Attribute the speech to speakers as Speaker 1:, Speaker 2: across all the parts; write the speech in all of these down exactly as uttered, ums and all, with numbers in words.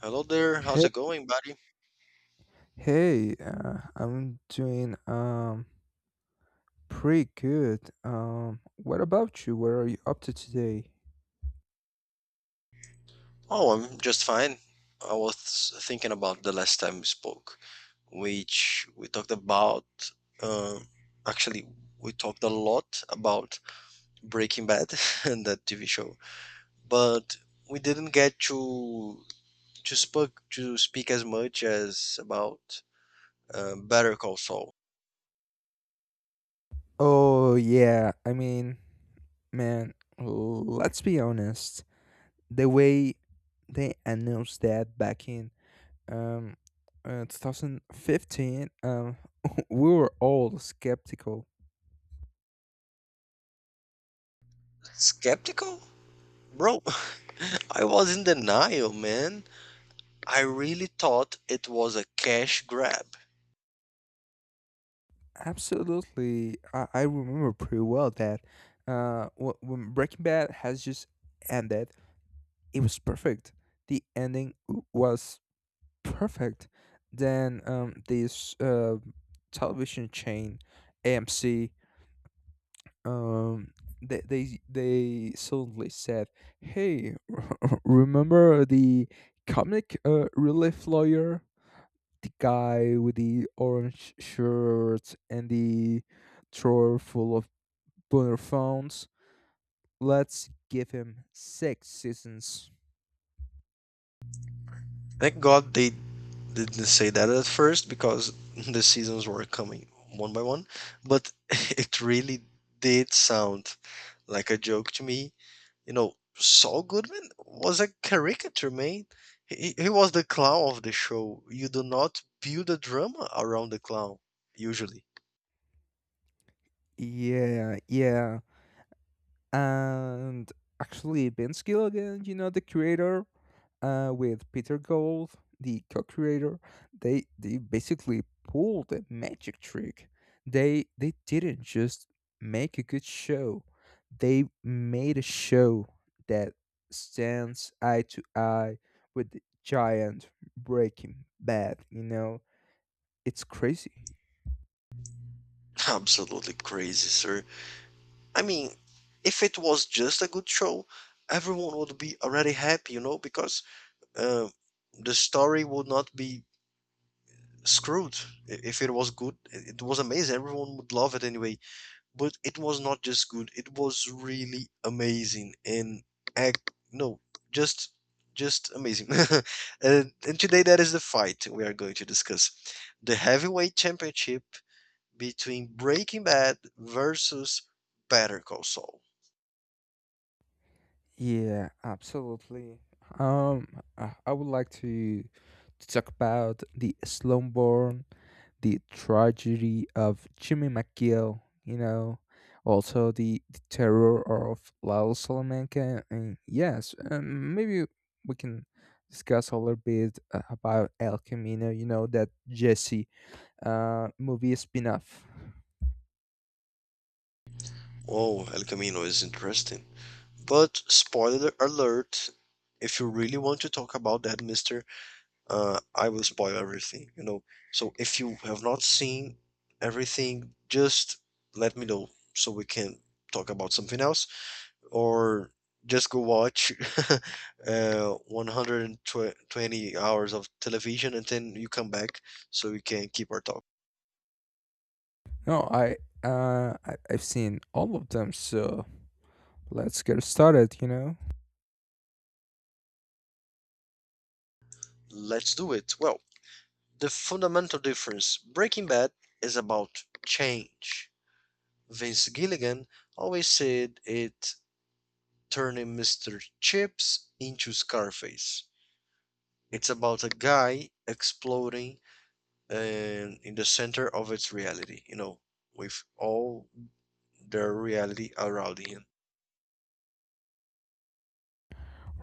Speaker 1: Hello there, how's
Speaker 2: Hey,
Speaker 1: it going, buddy?
Speaker 2: hey, uh, I'm doing um pretty good. Um, what about you? What are you up to today?
Speaker 1: Oh, I'm just fine. I was thinking about the last time we spoke, which we talked about. Uh, actually, we talked a lot about Breaking Bad and that T V show, but we didn't get to to speak to speak as much as about uh, Better Call Saul.
Speaker 2: Oh yeah, I mean, man, l- let's be honest. The way they announced that back in um uh, twenty fifteen, um, we were all skeptical.
Speaker 1: Skeptical, bro. I was in denial, man. I really thought it was a cash grab.
Speaker 2: Absolutely, I, I remember pretty well that uh wh- when Breaking Bad has just ended, it was perfect. The ending w- was perfect. Then um, this uh, television chain, A M C, um, they they they suddenly said, "Hey, remember the comic uh, relief lawyer, the guy with the orange shirt and the drawer full of burner phones? Let's give him six seasons."
Speaker 1: Thank God they didn't say that at first because the seasons were coming one by one, but it really did sound like a joke to me. You know, Saul Goodman was a caricature, man. He, he was the clown of the show. You do not build a drama around the clown, usually.
Speaker 2: Yeah, yeah, and actually Ben Skill again, you know, the creator, uh, with Peter Gold, the co-creator, they they basically pulled a magic trick. They they didn't just make a good show; they made a show that stands eye to eye with the giant Breaking Bad. You know, it's crazy.
Speaker 1: Absolutely crazy, sir. I mean, if it was just a good show, everyone would be already happy, you know, because uh, the story would not be screwed. I- If it was good, i- it was amazing. Everyone would love it anyway. But it was not just good. It was really amazing. And I, no, just just amazing. and, and today that is the fight we are going to discuss. The heavyweight championship between Breaking Bad versus Better Call Saul.
Speaker 2: Yeah, absolutely. Um, I I would like to to talk about the Slumborn, the tragedy of Jimmy McGill. You know, also the, the terror of Lal Salamanca, and yes, um, maybe we can discuss a little bit uh, about El Camino. You know that Jesse uh movie spin-off.
Speaker 1: Oh, El Camino is interesting. But spoiler alert, if you really want to talk about that, mister, uh, I will spoil everything, you know. So if you have not seen everything, just let me know so we can talk about something else, or just go watch uh, one hundred twenty hours of television and then you come back so we can keep our talk.
Speaker 2: No, I uh I, I've seen all of them, so let's get started. You know.
Speaker 1: Let's do it. Well, the fundamental difference: Breaking Bad is about change. Vince Gilligan always said it: turning Mister Chips into Scarface. It's about a guy exploding and in the center of its reality, you know, with all their reality around him.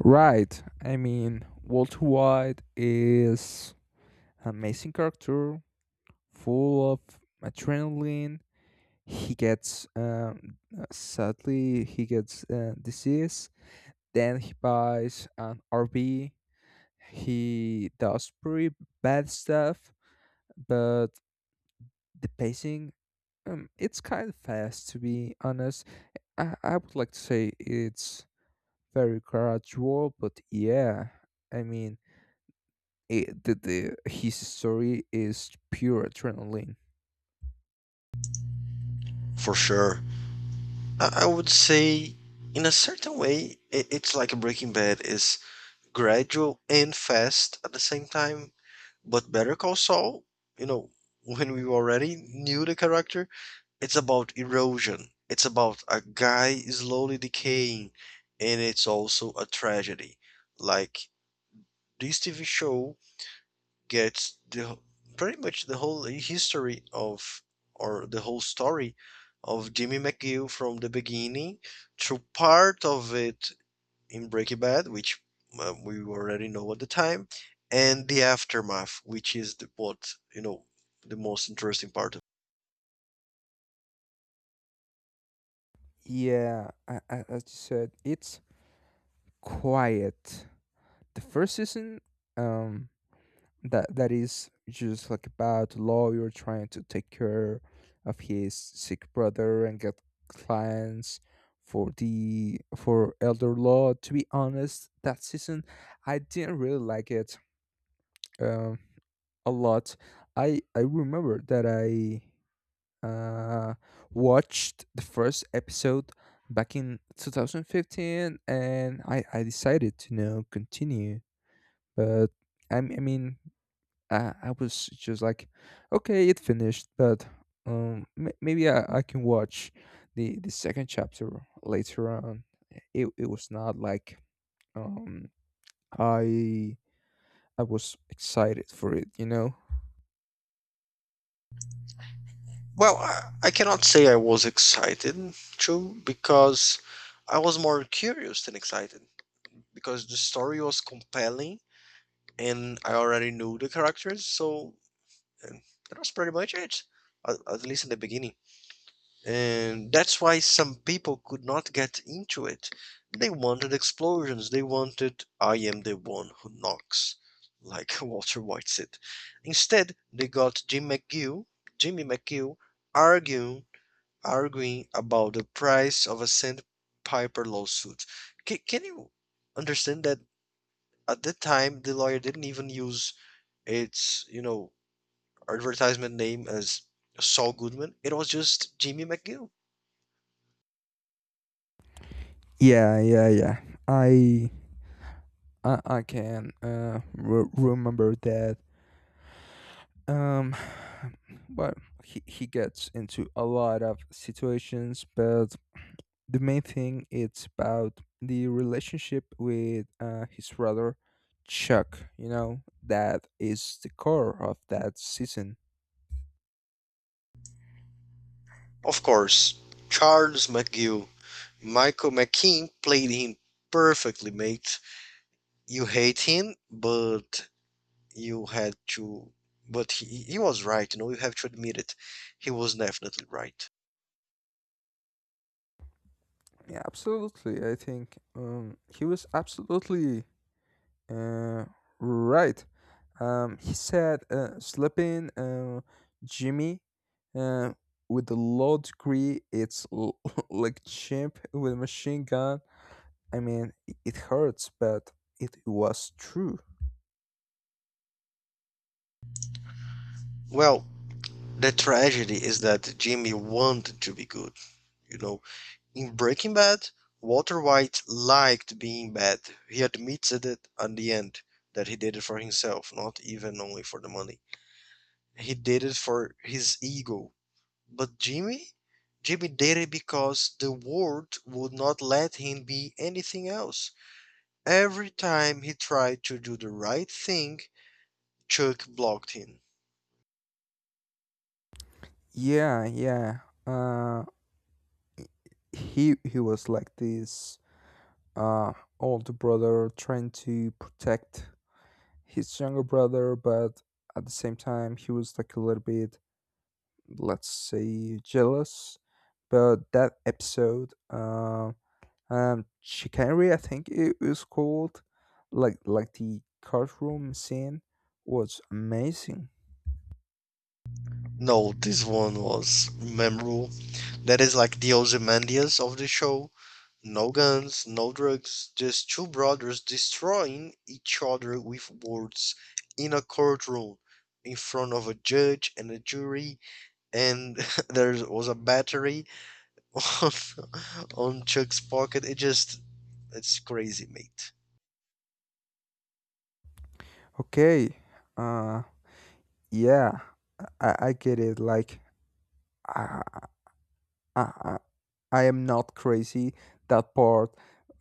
Speaker 2: Right. I mean, Walter White is an amazing character, full of adrenaline. He gets, um, uh, sadly, he gets uh, disease. Then he buys an R V. He does pretty bad stuff, but the pacing, um, it's kind of fast, to be honest. I, I would like to say it's very gradual, but yeah, I mean it, the, the his story is pure adrenaline.
Speaker 1: For sure. I would say, in a certain way, it's like Breaking Bad is gradual and fast at the same time, but Better Call Saul, you know, when we already knew the character, it's about erosion. It's about a guy slowly decaying, and it's also a tragedy. Like this T V show gets the pretty much the whole history of, or the whole story of Jimmy McGill from the beginning through part of it in Breaking Bad, which uh, we already know at the time, and the aftermath, which is the what you know the most interesting part.
Speaker 2: Yeah, a- a- as you said, it's quiet. The first season, um, that that is just like about a lawyer trying to take care of his sick brother and get clients for the for elder law. To be honest, that season I didn't really like it um a lot. I I remember that I uh, watched the first episode back in two thousand fifteen, and I, I decided to you know continue. But I, m- I mean I, I was just like, okay, it finished, but um m- maybe I, I can watch the the second chapter later on. It, it was not like, um I I was excited for it, you know.
Speaker 1: Well, I I cannot say I was excited, true, because I was more curious than excited because the story was compelling and I already knew the characters, so uh, that was pretty much it, at, at least in the beginning. And that's why some people could not get into it. They wanted explosions, they wanted I am the one who knocks, like Walter White said. Instead, they got Jim McGill, Jimmy McGill, arguing arguing about the price of a sandpiper lawsuit. Can, can you understand that at that time the lawyer didn't even use its you know advertisement name as Saul Goodman? It was just Jimmy McGill.
Speaker 2: Yeah, yeah, yeah, I I, I can uh, re- remember that. Um, but he, he gets into a lot of situations, but the main thing, it's about the relationship with uh, his brother Chuck. You know that is the core of that season.
Speaker 1: Of course, Charles McGill, Michael McKean played him perfectly, mate. You hate him, but you had to. But he, he was right, you know, you have to admit it. He was definitely right.
Speaker 2: Yeah, absolutely. I think um, he was absolutely uh, right. Um, he said, uh, "Sleeping, uh, Jimmy, uh, with a low degree, it's l- like chimp with a machine gun. I mean, i- it hurts, but it was true.
Speaker 1: Well, the tragedy is that Jimmy wanted to be good. You know, in Breaking Bad, Walter White liked being bad. He admitted it at the end that he did it for himself, not even only for the money. He did it for his ego. But Jimmy, Jimmy did it because the world would not let him be anything else. Every time he tried to do the right thing, Chuck blocked him.
Speaker 2: Yeah, yeah. Uh, he he was like this uh older brother trying to protect his younger brother, but at the same time, he was like a little bit, let's say, jealous. But that episode, uh, um Chicanery, I think it was called, like like the courtroom scene was amazing.
Speaker 1: No, this one was memorable. That is like the Ozymandias of the show. No guns, no drugs, just two brothers destroying each other with words in a courtroom in front of a judge and a jury. And there was a battery on, on Chuck's pocket. It just, it's crazy, mate.
Speaker 2: Okay, uh yeah, i, I get it, like, I, I I am not crazy. That part,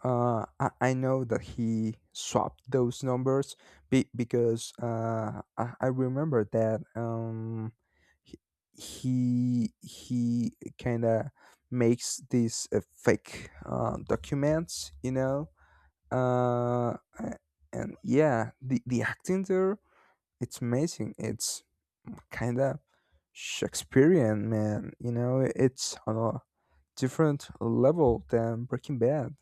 Speaker 2: uh, I, I know that he swapped those numbers, be, because uh, I, I remember that um, he he, he kind of makes these uh, fake uh, documents, you know. Uh, a- and yeah, the the acting there, it's amazing. It's kind of Shakespearean, man. You know, it's on a different level than Breaking Bad.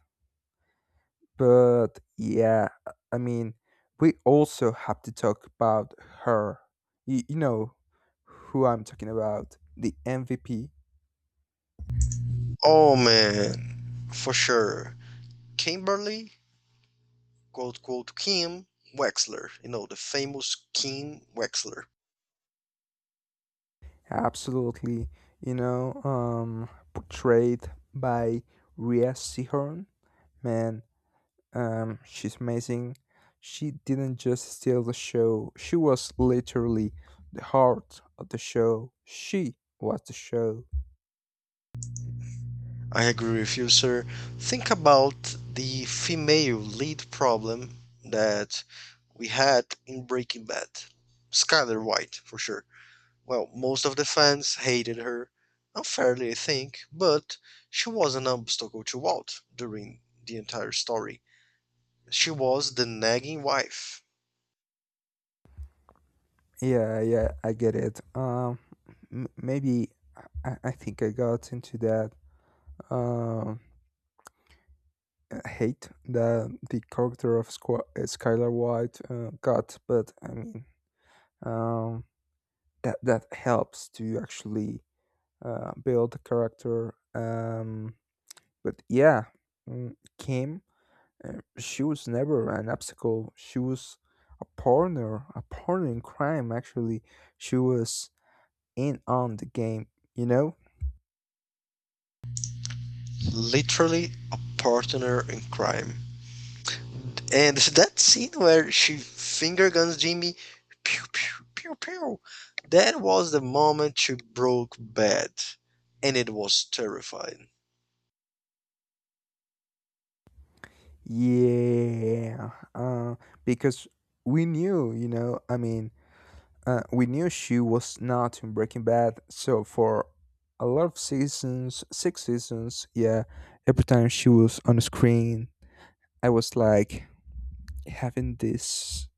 Speaker 2: But yeah, I mean, we also have to talk about her. You, you know who I'm talking about, the M V P.
Speaker 1: Oh man, for sure. Kimberly, quote, quote, Kim Wexler. You know, the famous Kim Wexler.
Speaker 2: Absolutely, you know, um, portrayed by Rhea Seehorn. Man, um, she's amazing. She didn't just steal the show; she was literally the heart of the show. She was the show.
Speaker 1: I agree with you, sir. Think about the female lead problem that we had in Breaking Bad. Skyler White, for sure. Well, most of the fans hated her, unfairly, I think, but she was an obstacle to Walt during the entire story. She was the nagging wife,
Speaker 2: Yeah, yeah, I get it. Um, m- maybe I, I think I got into that um hate that the character of Squ- uh, Skylar White uh, got, but I mean, um, that that helps to actually uh, build the character. Um, but yeah, mm, Kim, uh, she was never an obstacle. She was a partner, a partner in crime. Actually, she was in on the game, you know.
Speaker 1: literally a partner in crime. And that scene where she finger guns Jimmy, pew pew pew pew, that was the moment she broke bad, and it was terrifying.
Speaker 2: Yeah, uh, because we knew, you know, I mean, uh, we knew she was not in Breaking Bad. So for a lot of seasons, six seasons, yeah, every time she was on the screen, I was like having this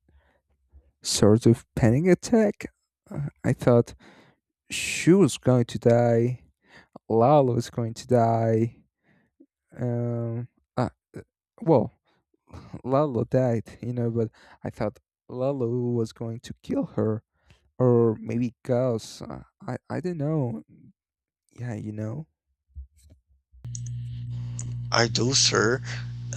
Speaker 2: sort of panic attack. Uh, I thought she was going to die, Lalo was going to die. Um, uh, uh, well, Lalo died, you know, but I thought Lalo was going to kill her, or maybe Gus. Uh, I I don't know. Yeah, you know.
Speaker 1: I do, sir.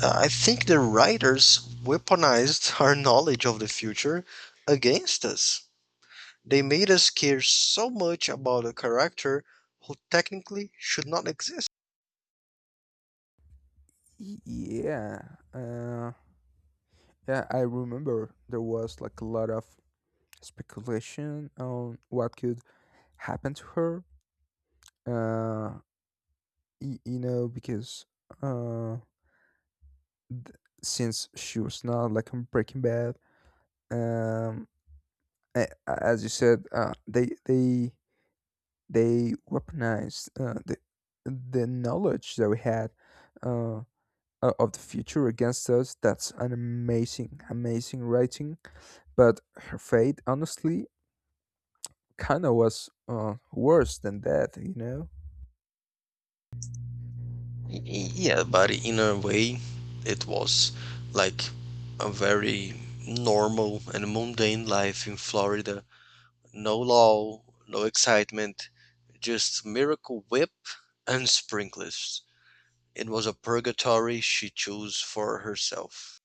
Speaker 1: Uh, I think the writers weaponized our knowledge of the future against us. They made us care so much about a character who technically should not exist.
Speaker 2: Y- Yeah. Uh yeah, I remember there was, like, a lot of speculation on what could happen to her. Uh y- you know, because uh th- since she was not, like, in Breaking Bad, um a- a- as you said, uh they they they weaponized uh, the the knowledge that we had, uh, o- of the future against us. That's an amazing, amazing writing. But her fate, honestly, kind of was uh, worse than that, you know?
Speaker 1: Y- y- Yeah, but in a way, it was like a very normal and mundane life in Florida. No law, no excitement, just Miracle Whip and sprinklers. It was a purgatory she chose for herself.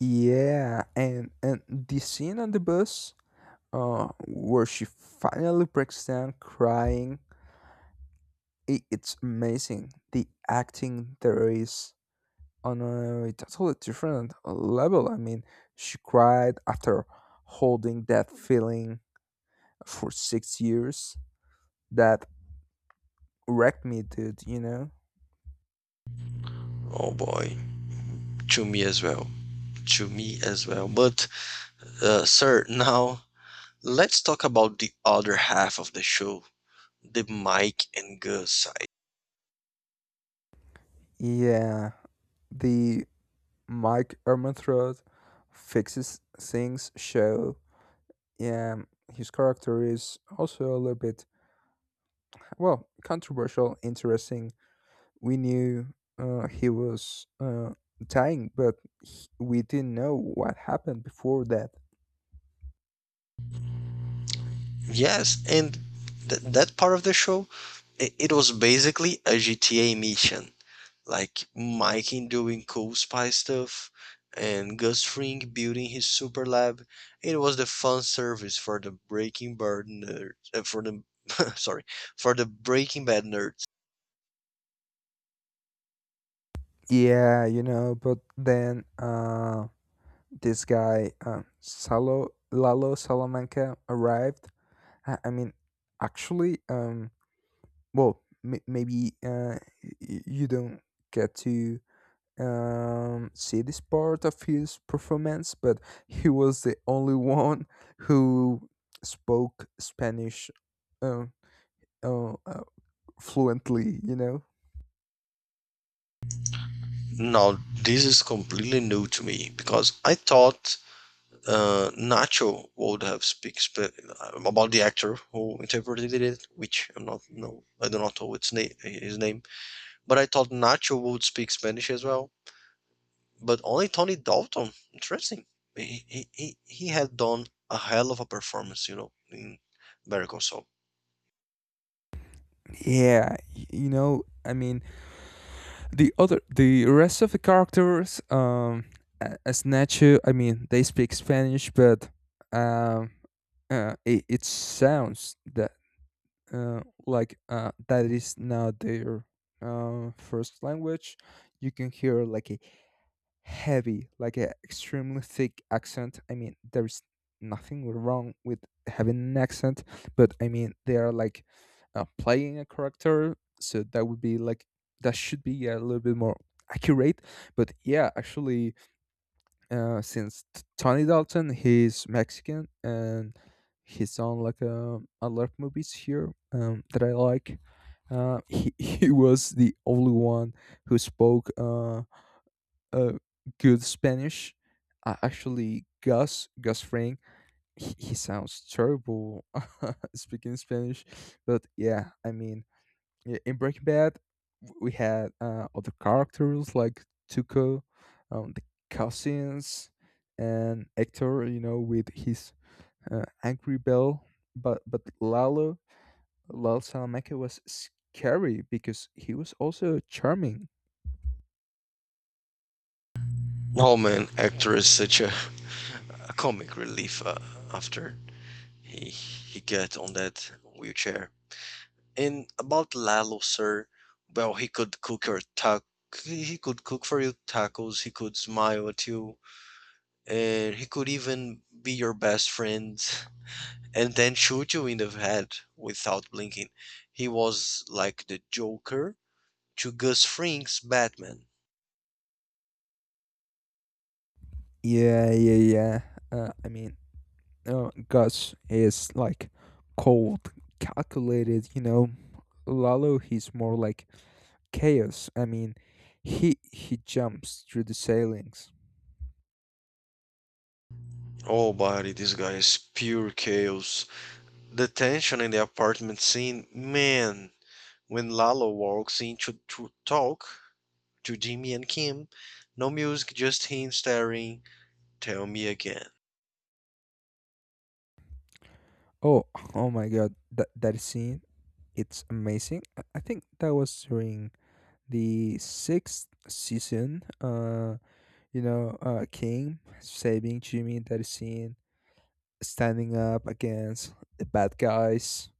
Speaker 2: Yeah, and and the scene on the bus, uh, where she finally breaks down crying. i- It's amazing. The acting there is on a totally different uh, level. I mean, she cried after holding that feeling for six years. That wrecked me, dude, you know?
Speaker 1: Oh boy, to me as well. To me as well. But, uh, sir, now let's talk about the other half of the show, the Mike and Gus.
Speaker 2: Yeah, the Mike Ehrmantraut fixes things show. Yeah, his character is also a little bit, well, controversial, interesting. We knew uh, he was uh, dying, but he- we didn't know what happened before that.
Speaker 1: Yes, and th- that part of the show, it, it was basically a G T A mission, like Mikey doing cool spy stuff and Gus Fring building his super lab. It was the fun service for the Breaking Bad nerds, uh, for the sorry, for the Breaking Bad nerds.
Speaker 2: Yeah, you know, but then uh, this guy, um, Salo, Lalo Salamanca, arrived. I, I mean, actually, um, well, m- maybe uh, y- y- you don't get to um, see this part of his performance, but he was the only one who spoke Spanish um, uh, uh, fluently, you know?
Speaker 1: Now, this is completely new to me because I thought uh, Nacho would have speak sp- about the actor who interpreted it, which I'm not no, I do not know its name his name, but I thought Nacho would speak Spanish as well. But only Tony Dalton, interesting. He he he, he had done a hell of a performance, you know, in Better Call Saul.
Speaker 2: Yeah, y- you know, I mean, the other the rest of the characters, um a- as Nacho, I mean, they speak Spanish, but um uh, it, it sounds that, uh, like, uh, that is not their uh, first language. You can hear, like, a heavy, like an extremely thick accent. I mean, there's nothing wrong with having an accent, but I mean, they are, like, uh, playing a character, so that would be like that should be a little bit more accurate. But yeah, actually, uh, since T- Tony Dalton, he's Mexican, and he's done, like, a, a lot of movies here, um, that I like. Uh, he, he was the only one who spoke. Uh, uh, Good Spanish. Uh, actually, Gus Gus Fring, he, he sounds terrible speaking Spanish. But yeah, I mean, yeah, in Breaking Bad, w- we had uh, other characters like Tuco, um, the cousins, and Hector. You know, with his uh, angry bell. But but Lalo, Lalo Salamanca was scary because he was also charming.
Speaker 1: Oh man, actor is such a, a comic relief uh, after he he get on that wheelchair. And about Lalo, sir, well, he could cook your tac he could cook for you tacos, he could smile at you, and he could even be your best friend and then shoot you in the head without blinking. He was like the Joker to Gus Fring's Batman.
Speaker 2: Yeah, yeah, yeah. Uh, I mean, uh, Gus is like cold, calculated. You know, Lalo, he's more like chaos. I mean, he he jumps through the ceilings.
Speaker 1: Oh, buddy, this guy is pure chaos. The tension in the apartment scene, man, when Lalo walks in to, to talk, to Jimmy and Kim. No music, just him staring. Tell me again.
Speaker 2: Oh, oh my God! That that scene, it's amazing. I I think that was during the sixth season. Uh, you know, uh, King saving Jimmy. That scene, standing up against the bad guys,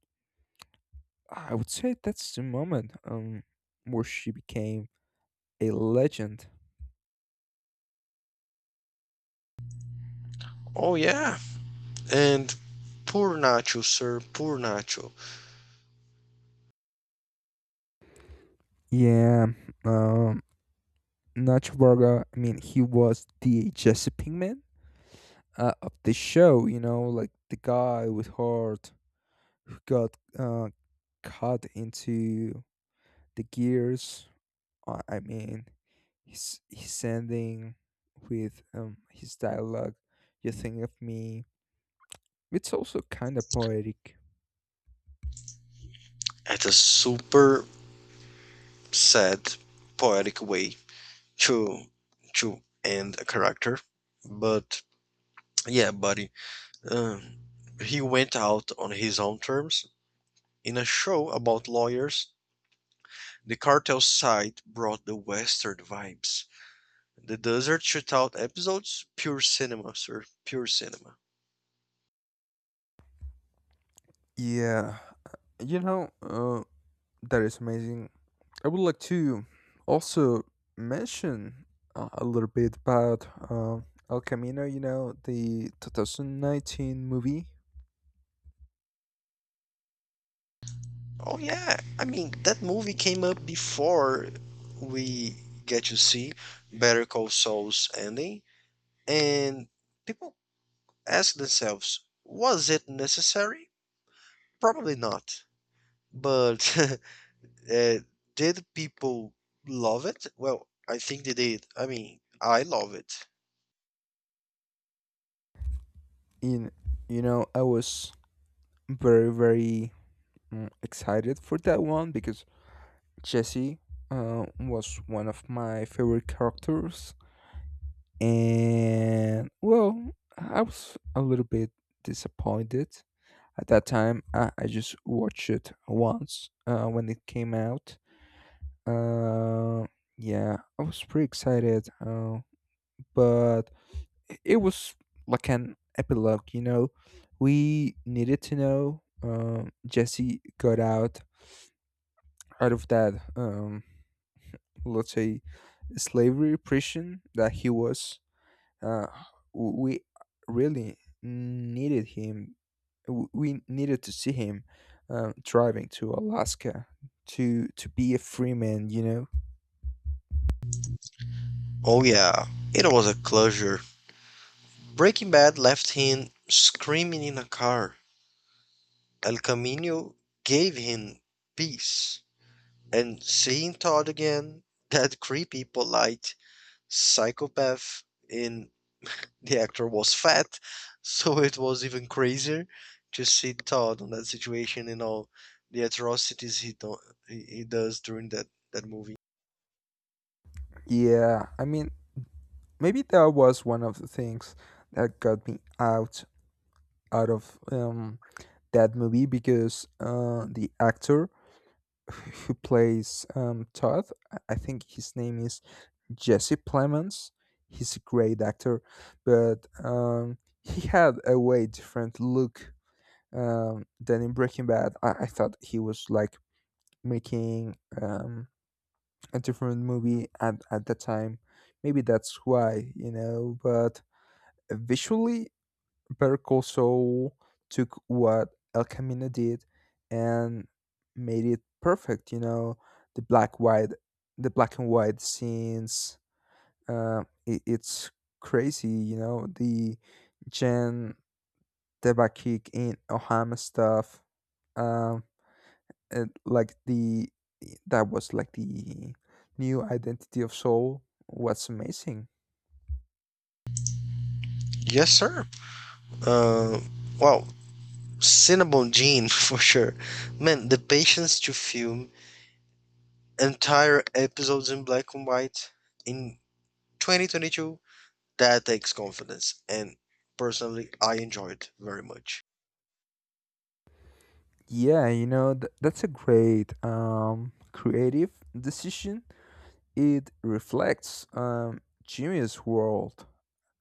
Speaker 2: I would say that's the moment Um, where she became a legend.
Speaker 1: Oh, yeah. And poor Nacho, sir, poor Nacho.
Speaker 2: Yeah, um, Nacho Varga. I mean, he was the Jesse Pinkman uh, of the show. You know, like the guy with heart who got uh, cut into the gears. Uh, I mean, he's he's ending with um his dialogue. You think of me. It's also kind of poetic.
Speaker 1: It's a super sad, poetic way to to end a character. But yeah, buddy. Um, he went out on his own terms in a show about lawyers. The cartel side brought the western vibes. The desert shootout episodes, pure cinema, sir, pure cinema.
Speaker 2: Yeah, you know, uh, that is amazing. I would like to also mention uh, a little bit about uh, El Camino. You know, the twenty nineteen movie.
Speaker 1: Oh yeah, I mean that movie came up before we get to see Better Call Saul's ending, and people ask themselves, was it necessary? Probably not. But uh, did people love it? Well, I think they did. I mean, I love it.
Speaker 2: In, you know, I was very, very mm, excited for that one, because Jesse uh, was one of my favorite characters, and, well, I was a little bit disappointed at that time. I, I just watched it once uh, when it came out. Uh, yeah, I was pretty excited, uh, but i- it was like an epilogue, you know. We needed to know. Um, Jesse got out out of that, um, let's say, slavery prison that he was. Uh, w- we really needed him. w- We needed to see him uh, driving to Alaska to to be a free man, you know.
Speaker 1: Oh yeah, it was a closure. Breaking Bad left him screaming in a car. El Camino gave him peace. And seeing Todd again, that creepy, polite psychopath, in the actor was fat, so it was even crazier to see Todd in that situation and all the atrocities he do- he he does during that that movie.
Speaker 2: Yeah, I mean, maybe that was one of the things that got me out out of um, that movie, because uh, the actor who plays um, Todd, I I think his name is Jesse Plemons. He's a great actor, but um, he had a way different look, um, than in Breaking Bad. I, I thought he was, like, making um, a different movie at, at the time. Maybe that's why, you know, but visually Percoso took what El Camino did and made it perfect. You know, the black white, the black and white scenes. Uh, it, it's crazy. You know, the Jen Debakik in Ohama stuff. Um, and, like, the that was like the new identity of Soul. Was amazing.
Speaker 1: Yes, sir. Uh, well, Cinnabon Gene for sure. Man, the patience to film entire episodes in black and white in twenty twenty-two. That takes confidence, and personally, I enjoy it very much.
Speaker 2: Yeah, you know, th- that's a great um, creative decision. It reflects um, Jimmy's world.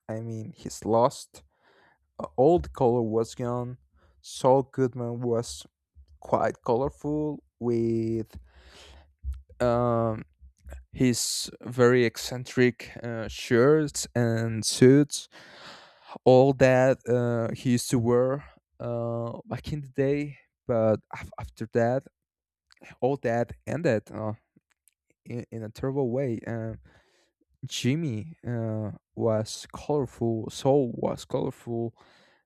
Speaker 2: I mean, he's lost. Uh, all the color was gone. Saul Goodman was quite colorful with um, his very eccentric uh, shirts and suits. All that uh, he used to wear uh, back in the day. But af- after that, all that ended uh, in, in a terrible way. Uh, Jimmy uh, was colorful, Saul was colorful,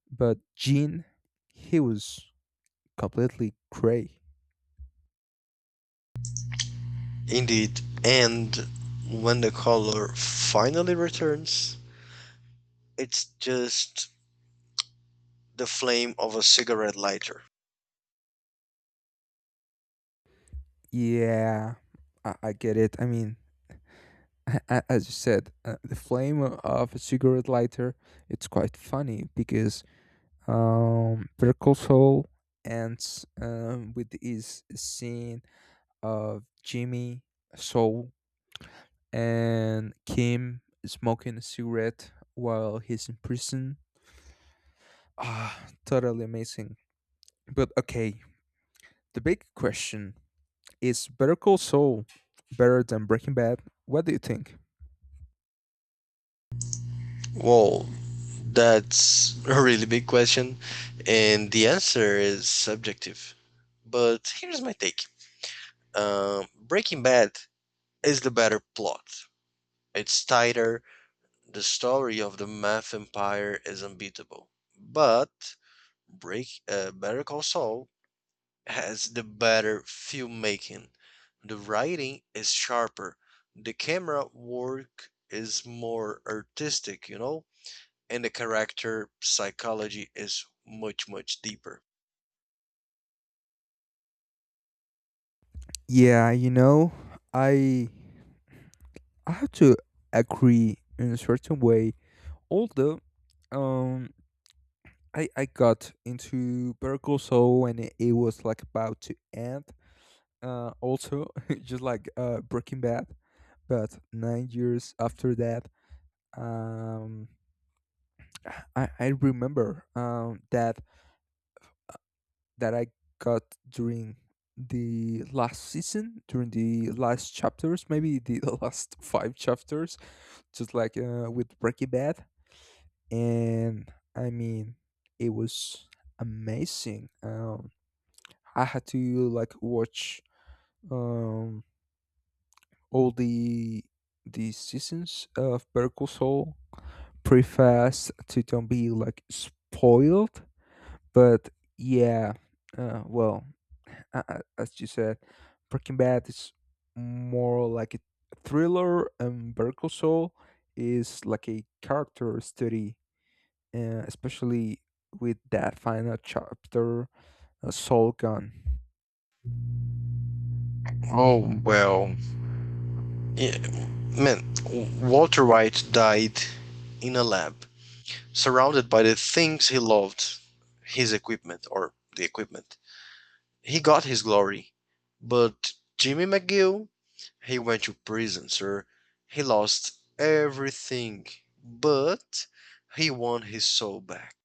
Speaker 2: but Gene, he was completely gray.
Speaker 1: Indeed, and when the color finally returns, it's just the flame of a cigarette lighter.
Speaker 2: Yeah, I, I get it. I mean, a- a- as you said, uh, the flame of a cigarette lighter, it's quite funny because um, Vertical Soul ends um, with his scene of Jimmy, Soul, and Kim smoking a cigarette while he's in prison. Ah, totally amazing. But okay, the big question is, Better Call Saul better than Breaking Bad? What do you think?
Speaker 1: Well, that's a really big question, and the answer is subjective. But here's my take. Um Breaking Bad is the better plot. It's tighter, the story of the meth empire is unbeatable. But Break, uh, Better Call Saul has the better filmmaking. The writing is sharper. The camera work is more artistic, you know, and the character psychology is much, much deeper.
Speaker 2: Yeah, you know, I I have to agree in a certain way. Although, um, I I got into Better Call Saul when it, it was like about to end. Uh, also, just like uh Breaking Bad, but nine years after that, um, I I remember um that that I got during the last season, during the last chapters, maybe the, last five chapters, just like uh, with Breaking Bad. And I mean, it was amazing. Um, I had to, like, watch um, all the the seasons of Better Call Saul pretty fast to don't be, like, spoiled. But yeah, uh, well, a- a- as you said, Breaking Bad is more like a thriller, and Vertical Soul is like a character study, uh, especially with that final chapter, uh, Soul Gun.
Speaker 1: Oh, well. Yeah, man, W- Walter White died in a lab, surrounded by the things he loved, his equipment or the equipment, he got his glory. But Jimmy McGill, he went to prison, sir. He lost everything, but he won his soul back.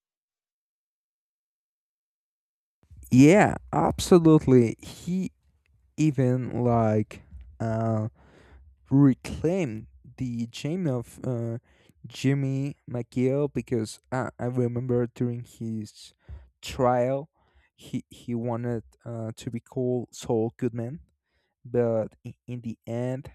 Speaker 2: Yeah, absolutely. He even, like, uh, reclaim the gem of uh, Jimmy McGill, because uh, I remember during his trial, he he wanted uh, to be called Saul Goodman, but i- in the end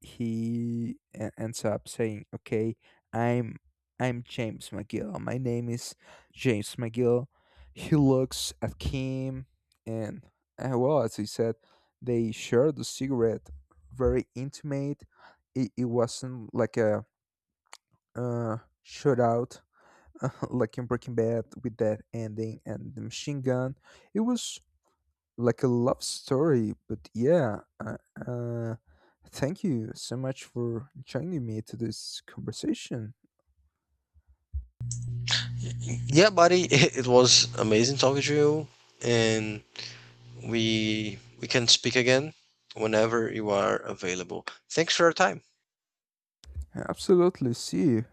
Speaker 2: he e- ends up saying, okay, i'm i'm James McGill. My name is James McGill. He looks at Kim, and uh, well, as he said, they shared the cigarette, very intimate. It, it wasn't like a uh shootout like in Breaking Bad with that ending and the machine gun. It was like a love story. But yeah, uh, uh, thank you so much for joining me to this conversation.
Speaker 1: Yeah, buddy, it, it was amazing talking to you, and we we can speak again whenever you are available. Thanks for your time.
Speaker 2: Absolutely. See you.